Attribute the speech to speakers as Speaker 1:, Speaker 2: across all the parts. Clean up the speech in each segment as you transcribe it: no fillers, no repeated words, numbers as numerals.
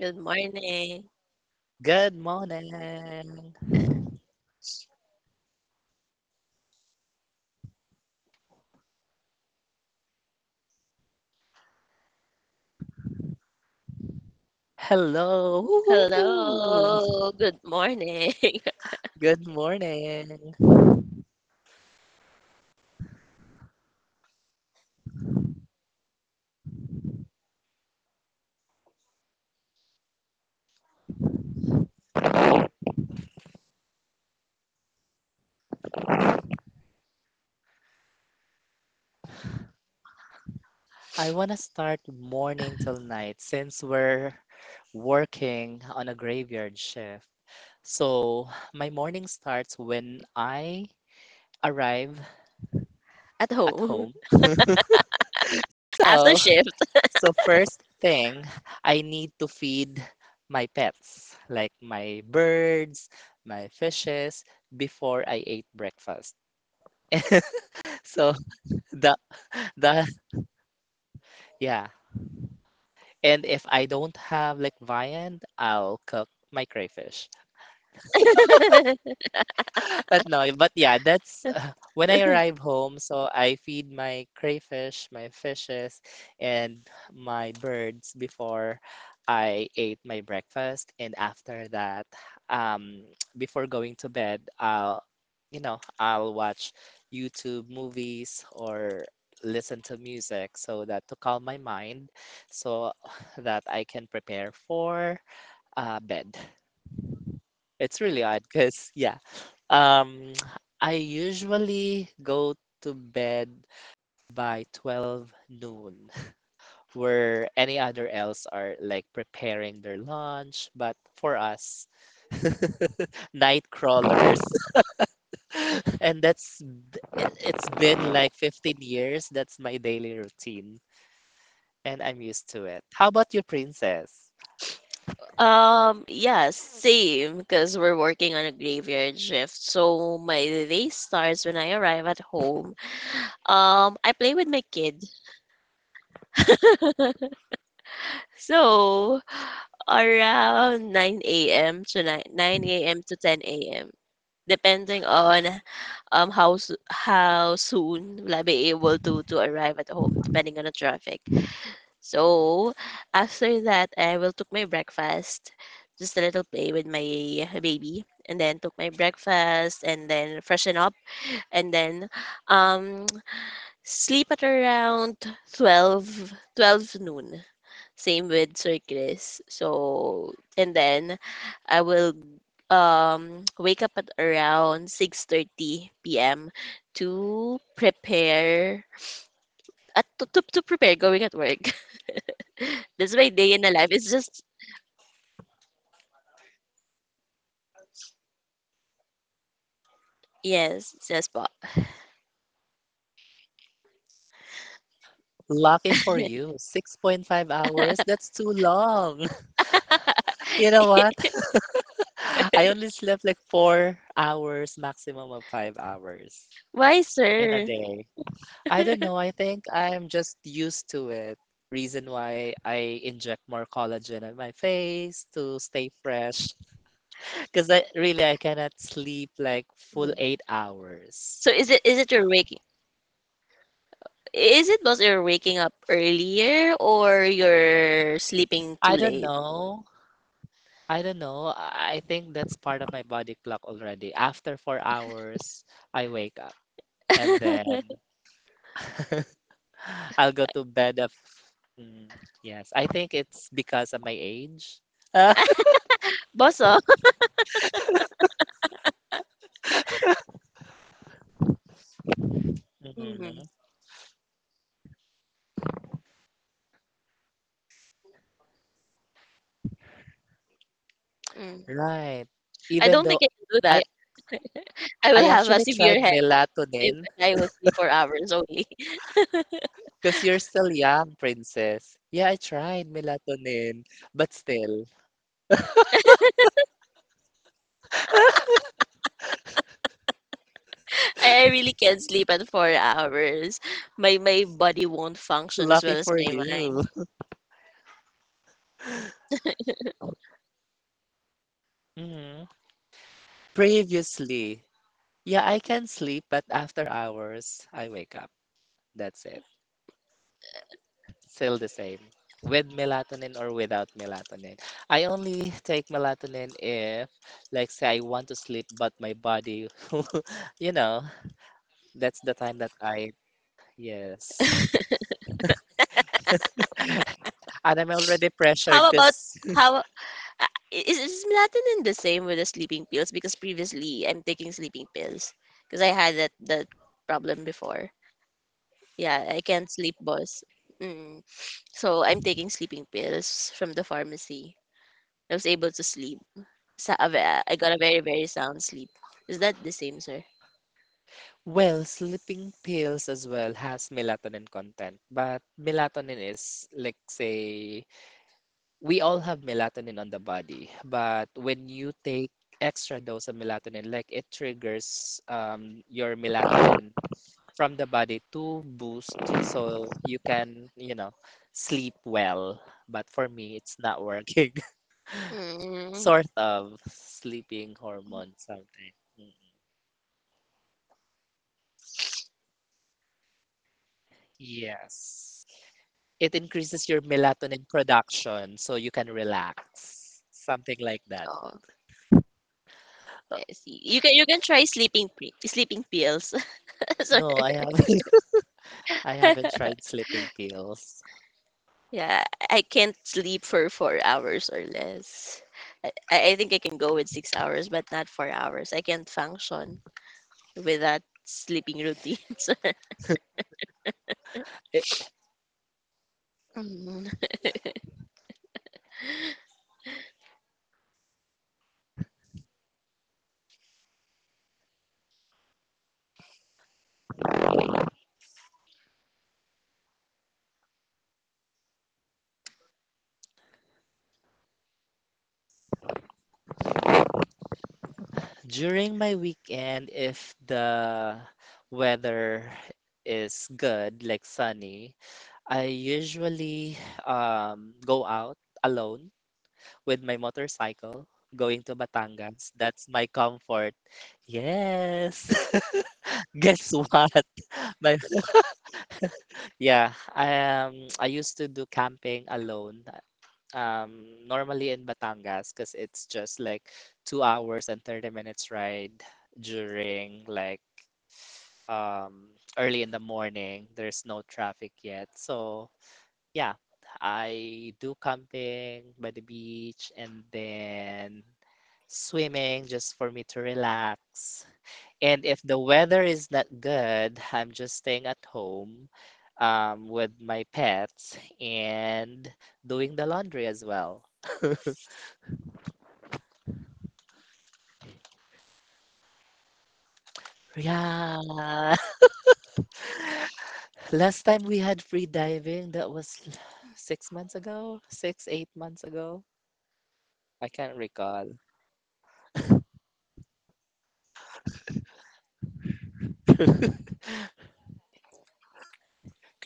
Speaker 1: Good morning.
Speaker 2: Good morning.
Speaker 1: Uh,
Speaker 2: Hello. Woo-hoo.
Speaker 1: Hello. Good morning.
Speaker 2: Good morning. I want to start morning till night since we're working on a graveyard shift. So my morning starts when I arrive
Speaker 1: At
Speaker 2: at
Speaker 1: home.
Speaker 2: home.
Speaker 1: After
Speaker 2: So,
Speaker 1: shift.
Speaker 2: so first thing, I need to feed my pets, like my birds, my fishes, before I ate breakfast. So the the yeah. And if I don't have like viand, I'll cook my crayfish. But no, but yeah, that's when I arrive home. So I feed my crayfish, my fishes, and my birds before I ate my breakfast. And after that, um, before going to bed, I'll watch YouTube movies or listen to music so that to calm my mind so that I can prepare for bed. It's really odd because, yeah, um, I usually go to bed by 12 noon, where any other else are like preparing their lunch. But for us, night crawlers. And that's, it's been like 15 years. That's my daily routine, and I'm used to it. How about you, princess?
Speaker 1: Yeah, same, because we're working on a graveyard shift. So my day starts when I arrive at home. I play with my kid. So around 9 a.m. to 10 a.m., depending on how soon will I be able to arrive at home, depending on the traffic. So after that, I will took my breakfast, just a little play with my baby, and then took my breakfast, and then freshen up, and then um sleep at around 12 12 noon. Same with Sir Chris. And then I will wake up at around 6:30 p.m. to prepare to prepare going at work. That's my day in the life. It's just yes, yes po.
Speaker 2: Lucky for you, 6.5 hours. That's too long. You know what? I only slept like 4 hours, maximum of 5 hours
Speaker 1: Why,
Speaker 2: in a
Speaker 1: sir?
Speaker 2: day. I don't know. I think I'm just used to it. Reason why I inject more collagen on my face to stay fresh. Because I cannot sleep like full
Speaker 1: Mhm.
Speaker 2: 8 hours.
Speaker 1: So is it your waking is it because you're waking up earlier or you're sleeping too
Speaker 2: I don't
Speaker 1: late?
Speaker 2: know. I don't know. I think that's part of my body clock already. After 4 hours, I wake up and then I'll go to bed. Mm, yes, I think it's because of my age.
Speaker 1: Boss, oh. Mhm.
Speaker 2: Mhm.
Speaker 1: Mm.
Speaker 2: Right.
Speaker 1: I
Speaker 2: Even
Speaker 1: don't think
Speaker 2: though
Speaker 1: I can do
Speaker 2: I
Speaker 1: that. I will
Speaker 2: I
Speaker 1: have a
Speaker 2: actually
Speaker 1: severe
Speaker 2: tried
Speaker 1: headache if
Speaker 2: melatonin
Speaker 1: I will sleep for hours only.
Speaker 2: because you're still young, princess. Yeah, I tried melatonin, but still,
Speaker 1: I really can't sleep at 4 hours. My body won't function as
Speaker 2: lucky
Speaker 1: well as
Speaker 2: for
Speaker 1: my mind.
Speaker 2: you. Mhm. Previously, yeah, I can sleep, but after 4 hours, I wake up. That's it. Still the same. With melatonin or without melatonin. I only take melatonin if, like, say, I want to sleep, but my body, you know, that's the time that I, yes. And I'm already pressured
Speaker 1: How
Speaker 2: because,
Speaker 1: about how is melatonin the same with the sleeping pills? Because previously I'm taking sleeping pills because I had that problem before. Yeah, I can't sleep, boss. Mm. So I'm taking sleeping pills from the pharmacy. I was able to sleep. I got a very very sound sleep. Is that the same, sir?
Speaker 2: well, sleeping pills as well has melatonin content, but melatonin is, like, say, we all have melatonin on the body, but when you take extra dose of melatonin, like it triggers your melatonin from the body to boost so you can, sleep well. But for me, it's not working.
Speaker 1: Mm,
Speaker 2: sort of sleeping hormone, something. Mm, yes. It increases your melatonin production so you can relax. Something like that.
Speaker 1: oh, I see. You can try sleeping pills. so,
Speaker 2: No, I haven't I haven't tried sleeping pills.
Speaker 1: yeah, I can't sleep for 4 hours or less. I think I can go with 6 hours, but not 4 hours. I can't function with that sleeping routine. So,
Speaker 2: it,
Speaker 1: mm.
Speaker 2: During my weekend, if the weather is good, like sunny, I usually go out alone with my motorcycle going to Batangas. That's my comfort. Yes. Guess what? My Yeah, I used to do camping alone. Normally in Batangas because it's just like 2 hours and 30 minutes ride during like um, early in the morning. There's no traffic yet. So, yeah, I do camping by the beach and then swimming just for me to relax. And if the weather is not good, I'm just staying at home with my pets and doing the laundry as well. Yeah. Last time we had free diving, that was 6 months ago, six, 8 months ago. I can't recall.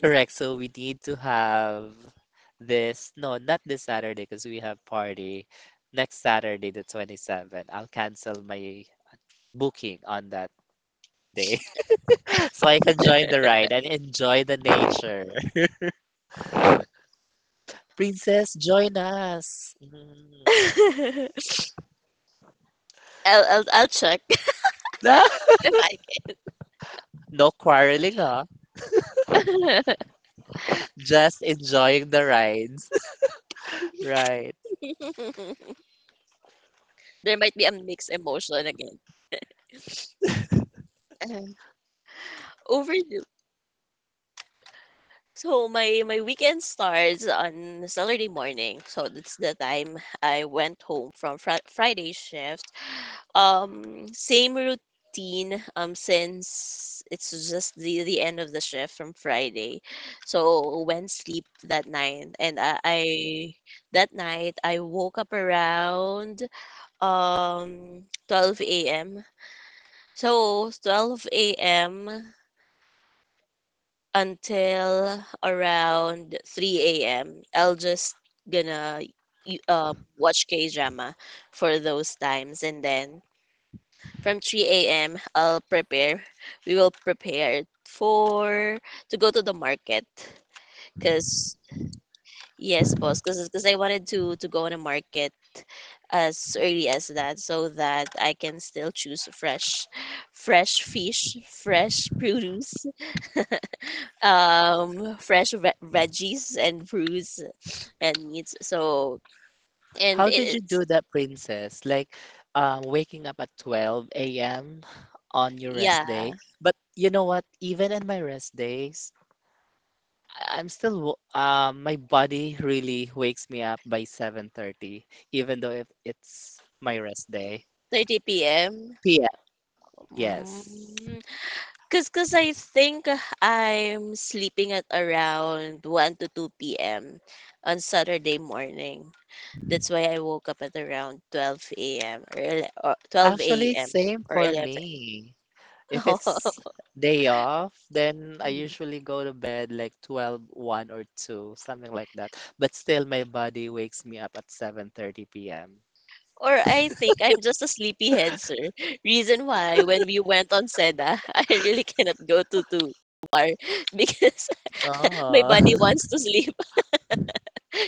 Speaker 2: Correct. So we need to have this. No, not this Saturday because we have party next Saturday, the 27th. I'll cancel my booking on that day so I can join the ride and enjoy the nature. Princess, join us. Mm.
Speaker 1: I'll check if I can.
Speaker 2: No quarreling, huh? Just enjoying the rides. Right.
Speaker 1: There might be a mixed emotion again. Um, overdo. So my weekend starts on Saturday morning. So that's the time I went home from Friday shift. Same routine. Since it's just the end of the shift from Friday, so went sleep that night, and I that night I woke up around 12 a.m. So 12 a.m. until around 3 a.m. I'll just gonna watch K drama for those times, and then from 3 a.m. I'll prepare. We will prepare for to go to the market, cause yes, boss, 'cause I wanted to go on a market as early as that so that I can still choose fresh fish, fresh produce, fresh veggies and fruits and meats, so and
Speaker 2: How did you
Speaker 1: it's
Speaker 2: do that, Princess? Like waking up at 12 a.m. on your rest
Speaker 1: yeah
Speaker 2: day. But you know what? Even in my rest days, I'm still, my body really wakes me up by 7:30, even though if it's my rest day.
Speaker 1: 30 p.m,
Speaker 2: p.m. Yes.
Speaker 1: because I think I'm sleeping at around 1 to 2 p.m on Saturday morning. That's why I woke up at around 12 a.m, or 12
Speaker 2: Actually,
Speaker 1: a.m,
Speaker 2: same
Speaker 1: or
Speaker 2: for
Speaker 1: 11.
Speaker 2: me. If it's day off, then I usually go to bed like 12, 1 or 2, something like that. But still, my body wakes me up at 7:30 p.m.
Speaker 1: Or I think I'm just a sleepyhead, sir. Reason why when we went on Seda, I really cannot go to bar because my
Speaker 2: Ah,
Speaker 1: body wants to sleep.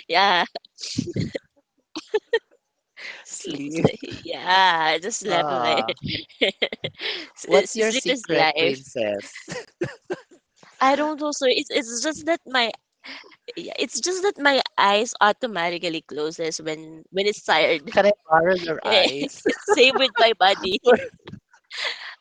Speaker 1: Yeah, sleep,
Speaker 2: sleep.
Speaker 1: sleep. Yeah, I just slept there.
Speaker 2: Ah, what's your
Speaker 1: Sleep is
Speaker 2: secret,
Speaker 1: life.
Speaker 2: princess?
Speaker 1: I don't also. It's just that my, yeah, it's just that my eyes automatically closes when it's tired.
Speaker 2: Can I borrow your eyes?
Speaker 1: Same with my body.
Speaker 2: Or-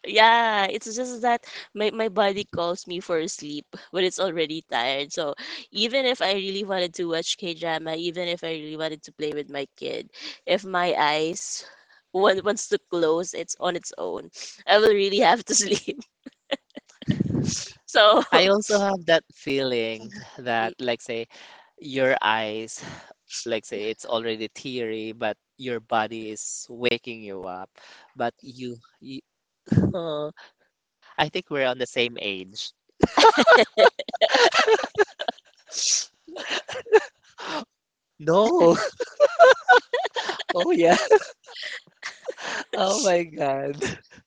Speaker 1: Yeah, it's just that my body calls me for sleep when it's already tired. So even if I really wanted to watch K-drama, even if I really wanted to play with my kid, if my eyes wants to close, it's on its own. I will really have to sleep. So,
Speaker 2: I also have that feeling
Speaker 1: mm,
Speaker 2: that, like, say, your eyes, like, say, it's already teary, but your body is waking you up. But you, I think we're on the same age. No. Oh yeah. Oh my God.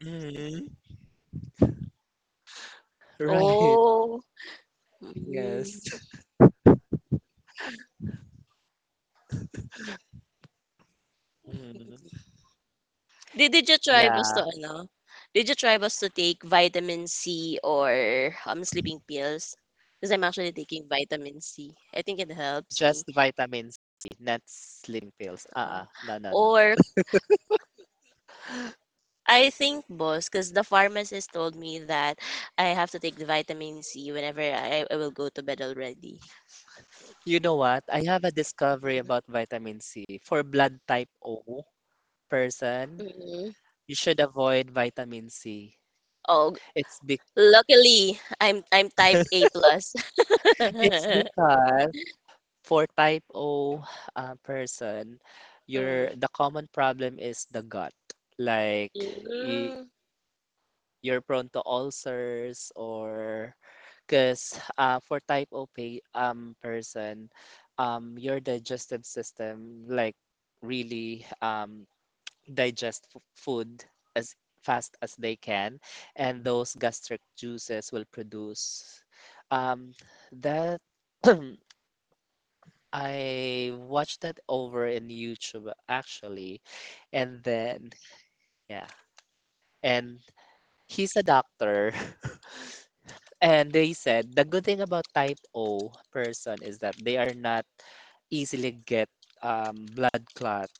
Speaker 2: Mhm. Right.
Speaker 1: oh, mm.
Speaker 2: Yes. Mhm.
Speaker 1: Did you try
Speaker 2: Yeah.
Speaker 1: basta ano? Did you try basta take vitamin C or sleeping pills? Because I'm actually taking vitamin C. I think it helps
Speaker 2: Just
Speaker 1: me.
Speaker 2: vitamin C, not sleeping pills.
Speaker 1: Uh,
Speaker 2: Uh-uh. No, no, no.
Speaker 1: or I think, boss, because the pharmacist told me that I have to take the vitamin C whenever I will go to bed already.
Speaker 2: You know what? I have a discovery about vitamin C. For blood type O person,
Speaker 1: Mm-hmm.
Speaker 2: you should avoid vitamin C.
Speaker 1: Oh,
Speaker 2: It's be
Speaker 1: luckily I'm type A plus.
Speaker 2: it's because for type O person,
Speaker 1: Mm. Mm.
Speaker 2: your the common problem is the gut. Like y- you're prone to ulcers or because for type O person, your digestive system like really digest food as fast as they can, and those gastric juices will produce um, that I watched that over in YouTube actually, and then yeah, and he's a doctor, and they said the good thing about type O person is that they are not easily get blood clot.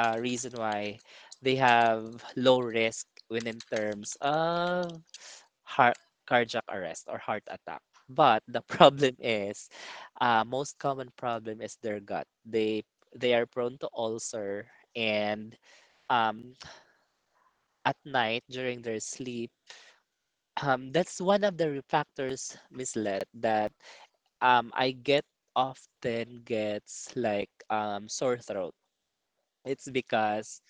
Speaker 2: Reason why they have low risk when in terms of heart cardiac arrest or heart attack. But the problem is, most common problem is their gut. They are prone to ulcer and um, at night during their sleep. That's one of the factors, Miss Let, that I get often gets like sore throat. It's because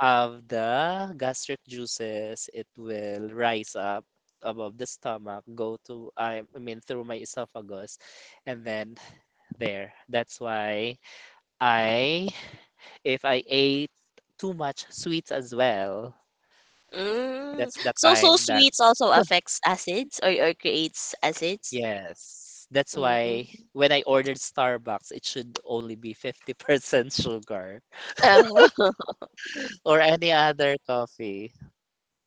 Speaker 2: of the gastric juices, it will rise up above the stomach, go to, I mean, through my esophagus, and then there. That's why I, if I ate too much sweets as well,
Speaker 1: Mm.
Speaker 2: that's the
Speaker 1: So
Speaker 2: time that,
Speaker 1: sweets also affects acids or creates acids.
Speaker 2: yes, that's why
Speaker 1: Mm.
Speaker 2: when I ordered Starbucks, it should only be 50% sugar or any other coffee.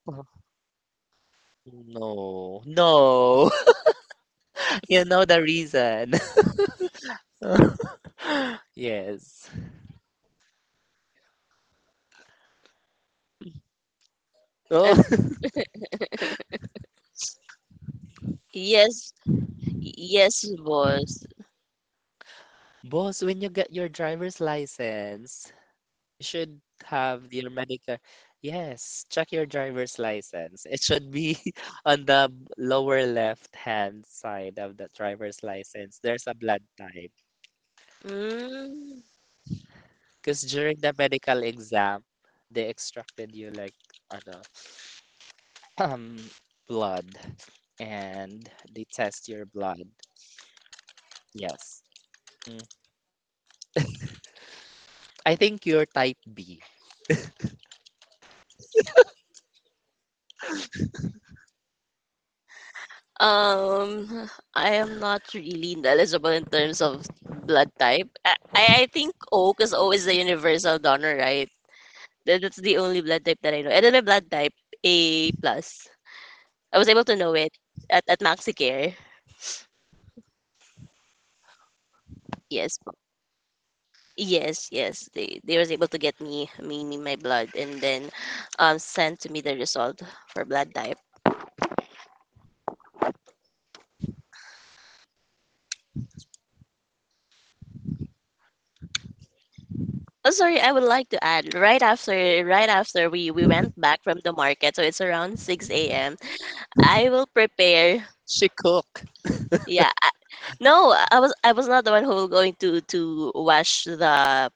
Speaker 2: No, no, you know the reason. Yes. Oh,
Speaker 1: Yes, yes, boss.
Speaker 2: boss, when you get your driver's license, you should have your medical. Yes, check your driver's license. It should be on the lower left-hand side of the driver's license. There's a blood type.
Speaker 1: Mm.
Speaker 2: Because during the medical exam, they extracted you like ano, um, blood and they test your blood. Yes. Mm. I think you're type B.
Speaker 1: Um, I am not really knowledgeable in terms of blood type. I think O, because O is the universal donor, right? That's the only blood type that I know. And then my blood type, A plus. I was able to know it at MaxiCare. Yes, po. Yes, yes. They was able to get me my blood, and then sent to me the result for blood type. Oh, sorry, I would like to add right after we went back from the market, so it's around 6 a.m. I will prepare.
Speaker 2: She cook.
Speaker 1: Yeah. No, I was not the one who will going to wash the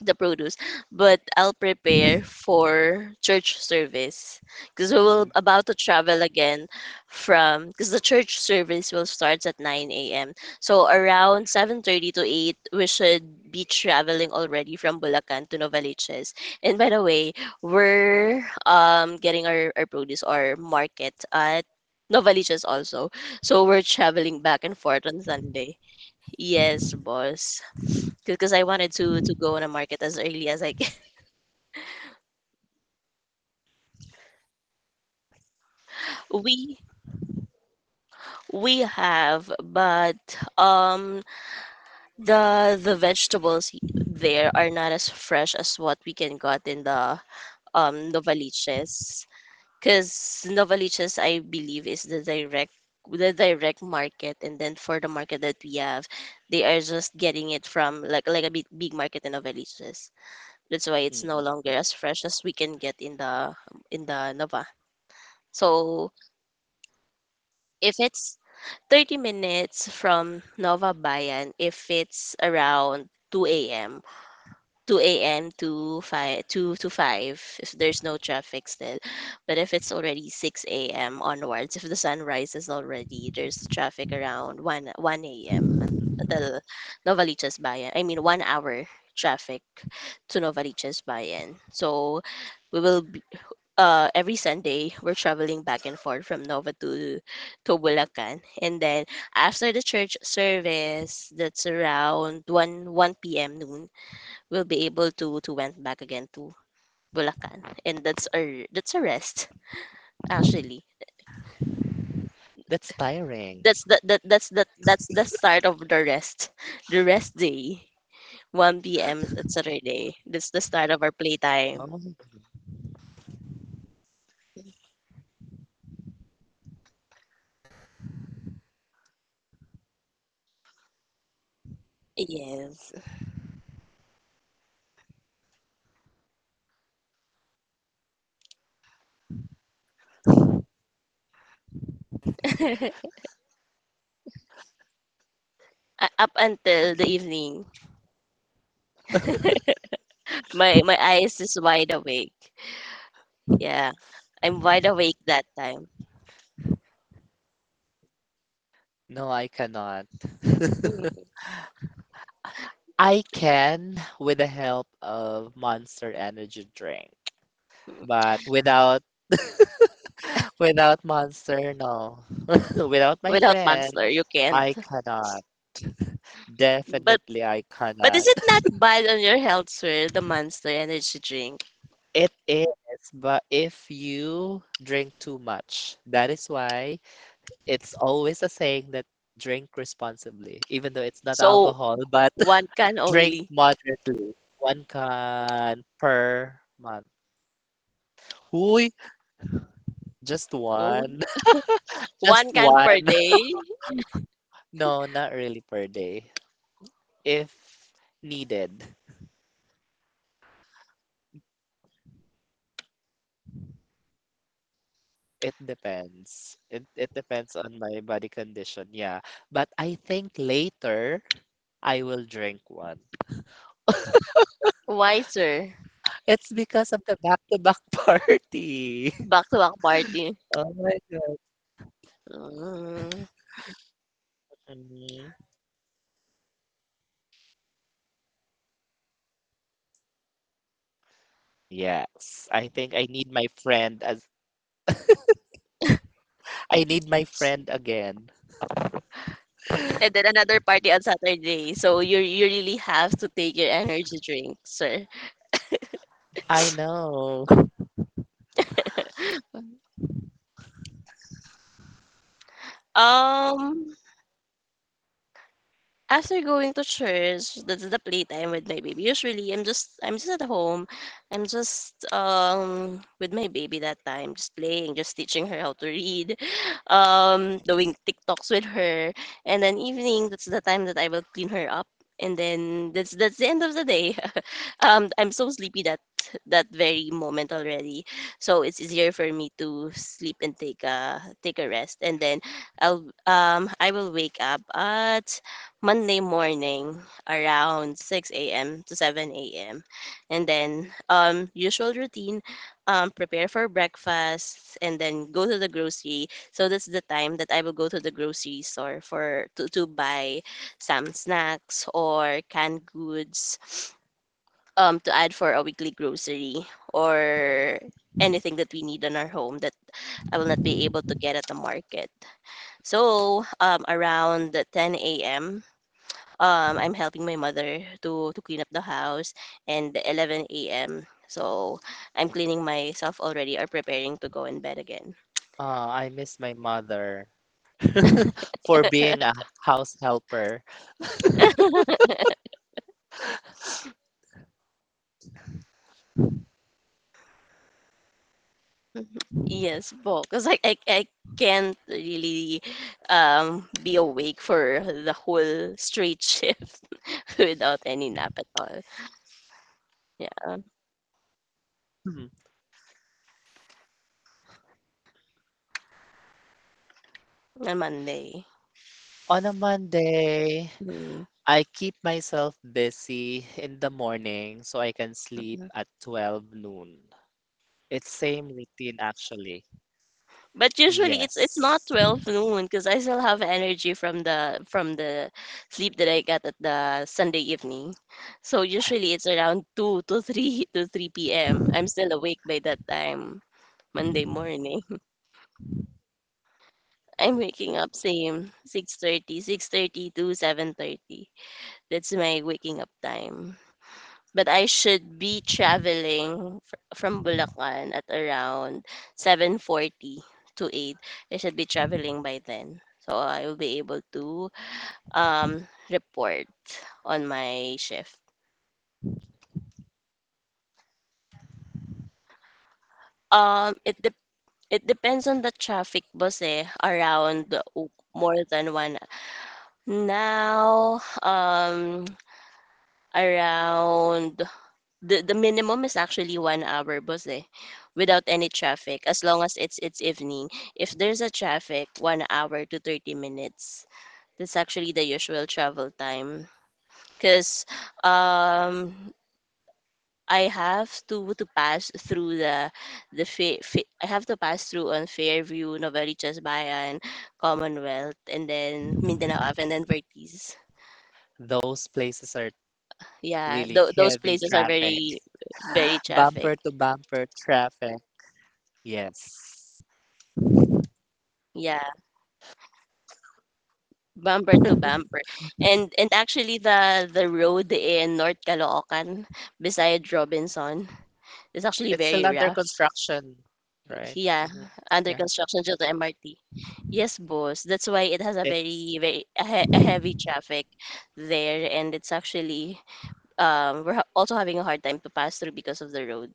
Speaker 1: the produce, but I'll prepare for church service because we will
Speaker 2: Mm.
Speaker 1: about to travel again from because the church service will start at 9 a.m. So around 7:30 to 8 we should be traveling already from Bulacan to Novaliches. And by the way, we're getting our produce or market at Novaliches also. So we're traveling back and forth on Sunday. Yes, boss, because I wanted to go on a market as early as I can. We we have, but um the vegetables there are not as fresh as what we can got in the Novaliches. Because Novaliches, I believe, is the direct market, and then for the market that we have, they are just getting it from like a big, big market in Novaliches, that's why it's no longer as fresh as we can get in the Nova. So if it's 30 minutes from Nova Bayan, if it's around 2 a.m., 2 a.m. to 5, 2 to 5, if there's no traffic still. But if it's already 6 a.m. onwards, if the sun rises already, there's traffic around 1 a.m. Until Novaliches Bayan. I mean, 1 hour traffic to Novaliches Bayan. So, we will every Sunday we're traveling back and forth from Nova to Bulacan. And then after the church service, that's around 1 p.m. noon, we'll be able to went back again to Bulacan, and that's a rest actually,
Speaker 2: That's tiring.
Speaker 1: that's the start of the rest day, 1 p.m. Is, it's Saturday, that's the start of our playtime.
Speaker 2: Oh,
Speaker 1: Yes. U- up until the evening, my eyes is wide awake. Yeah, I'm wide awake that time.
Speaker 2: no, I cannot.
Speaker 1: Mhm.
Speaker 2: I can with the help of Monster Energy drink, but without without Monster, no. Without my
Speaker 1: Without
Speaker 2: friend,
Speaker 1: Monster, you can't.
Speaker 2: I cannot.
Speaker 1: But
Speaker 2: Definitely, I
Speaker 1: but is
Speaker 2: cannot.
Speaker 1: it not bad on your health, sir? The Monster energy drink.
Speaker 2: It is, but if you drink too much, that is why it's always a saying that drink responsibly, even though it's not
Speaker 1: So
Speaker 2: alcohol, but
Speaker 1: one can
Speaker 2: drink
Speaker 1: only,
Speaker 2: moderately. 1 can per month. Huy! Just
Speaker 1: mhm,
Speaker 2: 1? Just
Speaker 1: one can per
Speaker 2: 1?
Speaker 1: day.
Speaker 2: No, not really per day. If needed. It depends. It depends on my body condition, yeah. But I think later, I will drink 1.
Speaker 1: Why, sir?
Speaker 2: It's because of the back-to-back party.
Speaker 1: Back to back party.
Speaker 2: Oh my God.
Speaker 1: Mm.
Speaker 2: Mhm. Yes, I think I need my friend as I need my friend again.
Speaker 1: And then another party on Saturday. So you really have to take your energy drink, sir.
Speaker 2: I know.
Speaker 1: Um, after going to church, that's the playtime with my baby. Usually, I'm just at home. I'm just with my baby that time, just playing, just teaching her how to read, doing TikToks with her, and then evening that's the time that I will clean her up, and then that's the end of the day. I'm so sleepy that very moment already. So it's easier for me to sleep and take a rest, and then I will wake up at Monday morning around 6 a.m. to 7 a.m., and then usual routine, prepare for breakfast, and then go to the grocery. So that's the time that I will go to the grocery store to buy some snacks or canned goods, to add for a weekly grocery or anything that we need in our home that I will not be able to get at the market. So around the 10 a.m., I'm helping my mother to clean up the house, and 11 a.m., so I'm cleaning myself already or preparing to go in bed again.
Speaker 2: Ah, I miss my mother for being a house helper.
Speaker 1: Yes, po. Because I can't really be awake for the whole straight shift without any nap at all. Yeah,
Speaker 2: Hmm.
Speaker 1: on Monday.
Speaker 2: On a Monday,
Speaker 1: Mhm.
Speaker 2: I keep myself busy in the morning so I can sleep at 12 noon. It's same routine actually.
Speaker 1: But usually it's not
Speaker 2: Yes.
Speaker 1: 12 noon because I still have energy from the sleep that I got at the Sunday evening. So usually it's around 2 to 3 p.m. I'm still awake by that time. Monday morning. I'm waking up same six thirty to 7:30. That's my waking up time. But I should be traveling from Bulacan at around 7:40 to 8. I should be traveling by then. So I will be able to report on my shift. Um it de- it depends on the traffic, boss, eh, around more than one. Now around the minimum is actually 1 hour bus eh, without any traffic, as long as it's evening. If there's a traffic, 1 hour to 30 minutes. That's actually the usual travel time. Because um, I have to pass through I have to pass through on Fairview, Novaliches Bayan, Commonwealth, and then Mindanao Ave, and then Vertiz.
Speaker 2: Those places are
Speaker 1: Yeah,
Speaker 2: really
Speaker 1: those
Speaker 2: heavy
Speaker 1: places are
Speaker 2: traffic.
Speaker 1: very very traffic.
Speaker 2: Bumper to bumper traffic. Yes.
Speaker 1: Yeah. Bumper to bumper. And actually the road in North Caloocan beside Robinson is actually
Speaker 2: It's still
Speaker 1: very
Speaker 2: under
Speaker 1: rough.
Speaker 2: construction, right?
Speaker 1: Yeah,
Speaker 2: Hmm.
Speaker 1: under
Speaker 2: Yeah.
Speaker 1: construction due to MRT. Yes, boss. That's why it has a
Speaker 2: It's
Speaker 1: very very a heavy traffic there, and it's actually we're also having a hard time to pass through because of the road.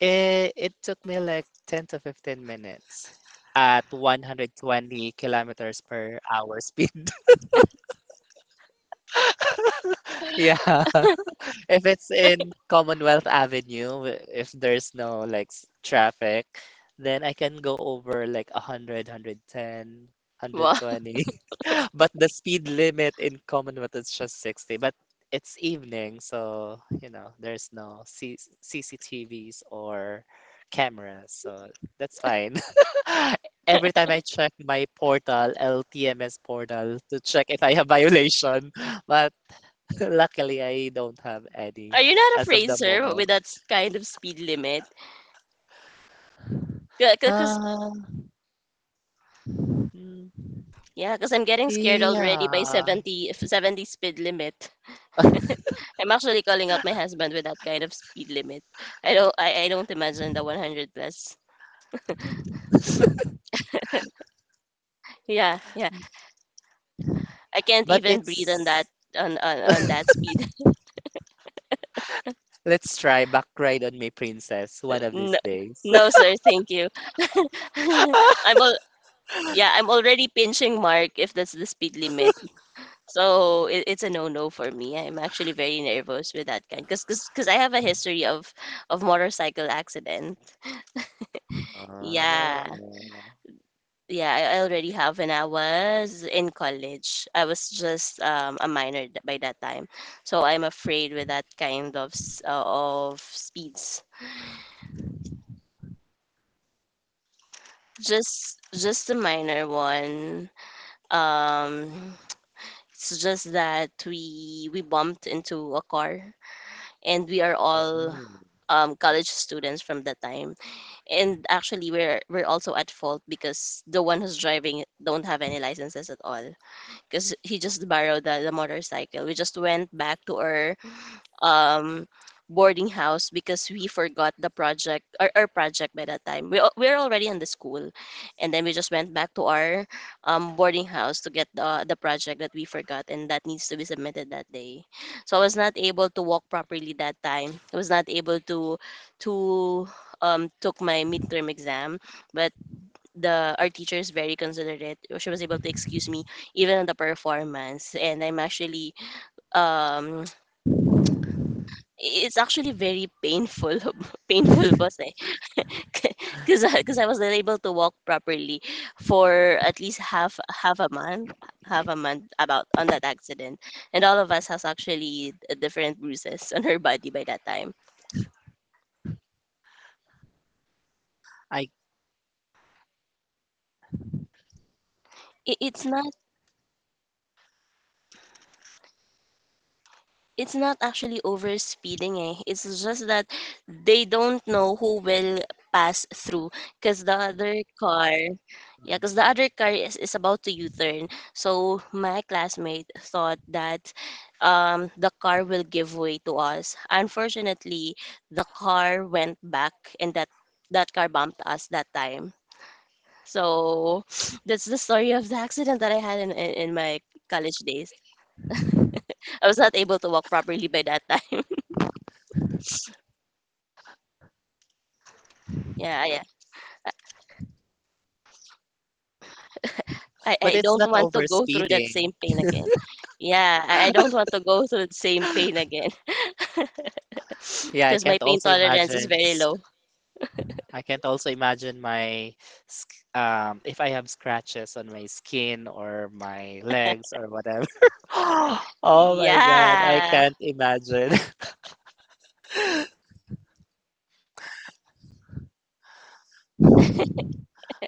Speaker 2: it took me like 10 to 15 minutes at 120 kilometers per hour speed. Yeah. If it's in Commonwealth Avenue, if there's no like traffic, then I can go over like 100, 110,
Speaker 1: Wow.
Speaker 2: but the speed limit in Commonwealth is just 60. But it's evening, so you know, there's no C C T V's or cameras, so that's fine. Every time I check my portal, LTMS portal, to check if I have violation, but luckily, I don't have any
Speaker 1: Are you not
Speaker 2: as of
Speaker 1: afraid,
Speaker 2: the
Speaker 1: sir, with
Speaker 2: moment.
Speaker 1: that kind of speed limit? Because
Speaker 2: Uh, mm,
Speaker 1: yeah, because I'm getting scared already by
Speaker 2: yeah,
Speaker 1: 70 speed limit. I'm actually calling out my husband with that kind of speed limit. I don't imagine the 100 plus. Yeah, yeah. I can't
Speaker 2: but
Speaker 1: even breathe on that
Speaker 2: it's
Speaker 1: on that speed.
Speaker 2: let's try back ride on me, princess, one of these
Speaker 1: No,
Speaker 2: days.
Speaker 1: no sir, thank you. I'm all yeah, I'm already pinching Mark if that's the speed limit. So it's a no-no for me. I'm actually very nervous with that kind cuz I have a history of motorcycle accident.
Speaker 2: Ah,
Speaker 1: Yeah.
Speaker 2: oh,
Speaker 1: Yeah, I already have when I was in college. I was just a minor by that time, so I'm afraid with that kind of of speeds. Just a minor one. Um, it's just that we bumped into a car, and we are all college students from that time. And actually, we're also at fault because the one who's driving don't have any licenses at all, because he just borrowed the motorcycle. We just went back to our um boarding house because we forgot the project, our project by that time. We're already in the school, and then we just went back to our boarding house to get the project that we forgot and that needs to be submitted that day. So I was not able to walk properly that time. I was not able to took my midterm exam, but the our teacher is very considerate. She was able to excuse me even on the performance, and I'm actually um it's actually very painful painful boss eh because I was not able to walk properly for at least half a month about on that accident, and all of us has actually different bruises on her body by that time.
Speaker 2: I.
Speaker 1: It's not it's not actually over speeding eh, it's just that they don't know who will pass through because the
Speaker 2: Mm.
Speaker 1: other car is about to u-turn, so my classmate thought that the car will give way to us. Unfortunately, the car went back, and that car bumped us that time. So that's the story of the accident that I had in my college days. I was not able to walk properly by that time. Yeah, yeah.
Speaker 2: But
Speaker 1: I
Speaker 2: it's
Speaker 1: don't
Speaker 2: not
Speaker 1: want to
Speaker 2: over
Speaker 1: go through that
Speaker 2: speeding.
Speaker 1: same pain again. Yeah, I don't want to go through the same pain again.
Speaker 2: Yeah, I
Speaker 1: Because my
Speaker 2: can't
Speaker 1: pain
Speaker 2: also
Speaker 1: tolerance is
Speaker 2: imagine
Speaker 1: very low.
Speaker 2: I can't also imagine my if I have scratches on my skin or my legs or whatever. Oh my God, I
Speaker 1: Yeah.
Speaker 2: can't imagine.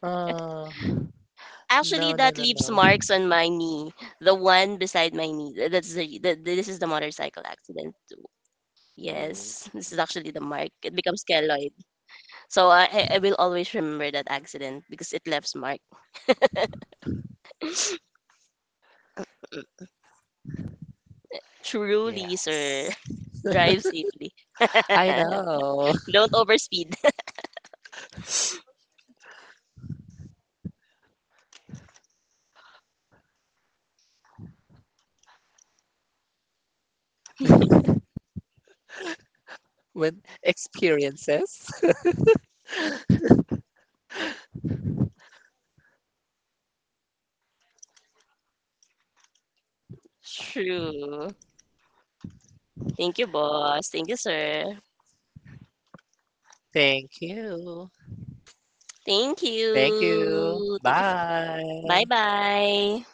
Speaker 2: Oh,
Speaker 1: Actually,
Speaker 2: no, no,
Speaker 1: that
Speaker 2: no,
Speaker 1: leaves
Speaker 2: no.
Speaker 1: marks on my knee, the one beside my knee. That's the, this is the motorcycle accident.
Speaker 2: Mm,
Speaker 1: Yes, this is actually the mark. It becomes keloid. So I will always remember that accident because it left mark. Truly, sir.
Speaker 2: yes.
Speaker 1: Drive safely.
Speaker 2: I know.
Speaker 1: Don't overspeed.
Speaker 2: With experiences.
Speaker 1: True. Thank you, boss. Thank you, sir.
Speaker 2: Thank you.
Speaker 1: Thank
Speaker 2: Thank you.
Speaker 1: you. Thank you. Bye
Speaker 2: Bye.
Speaker 1: bye.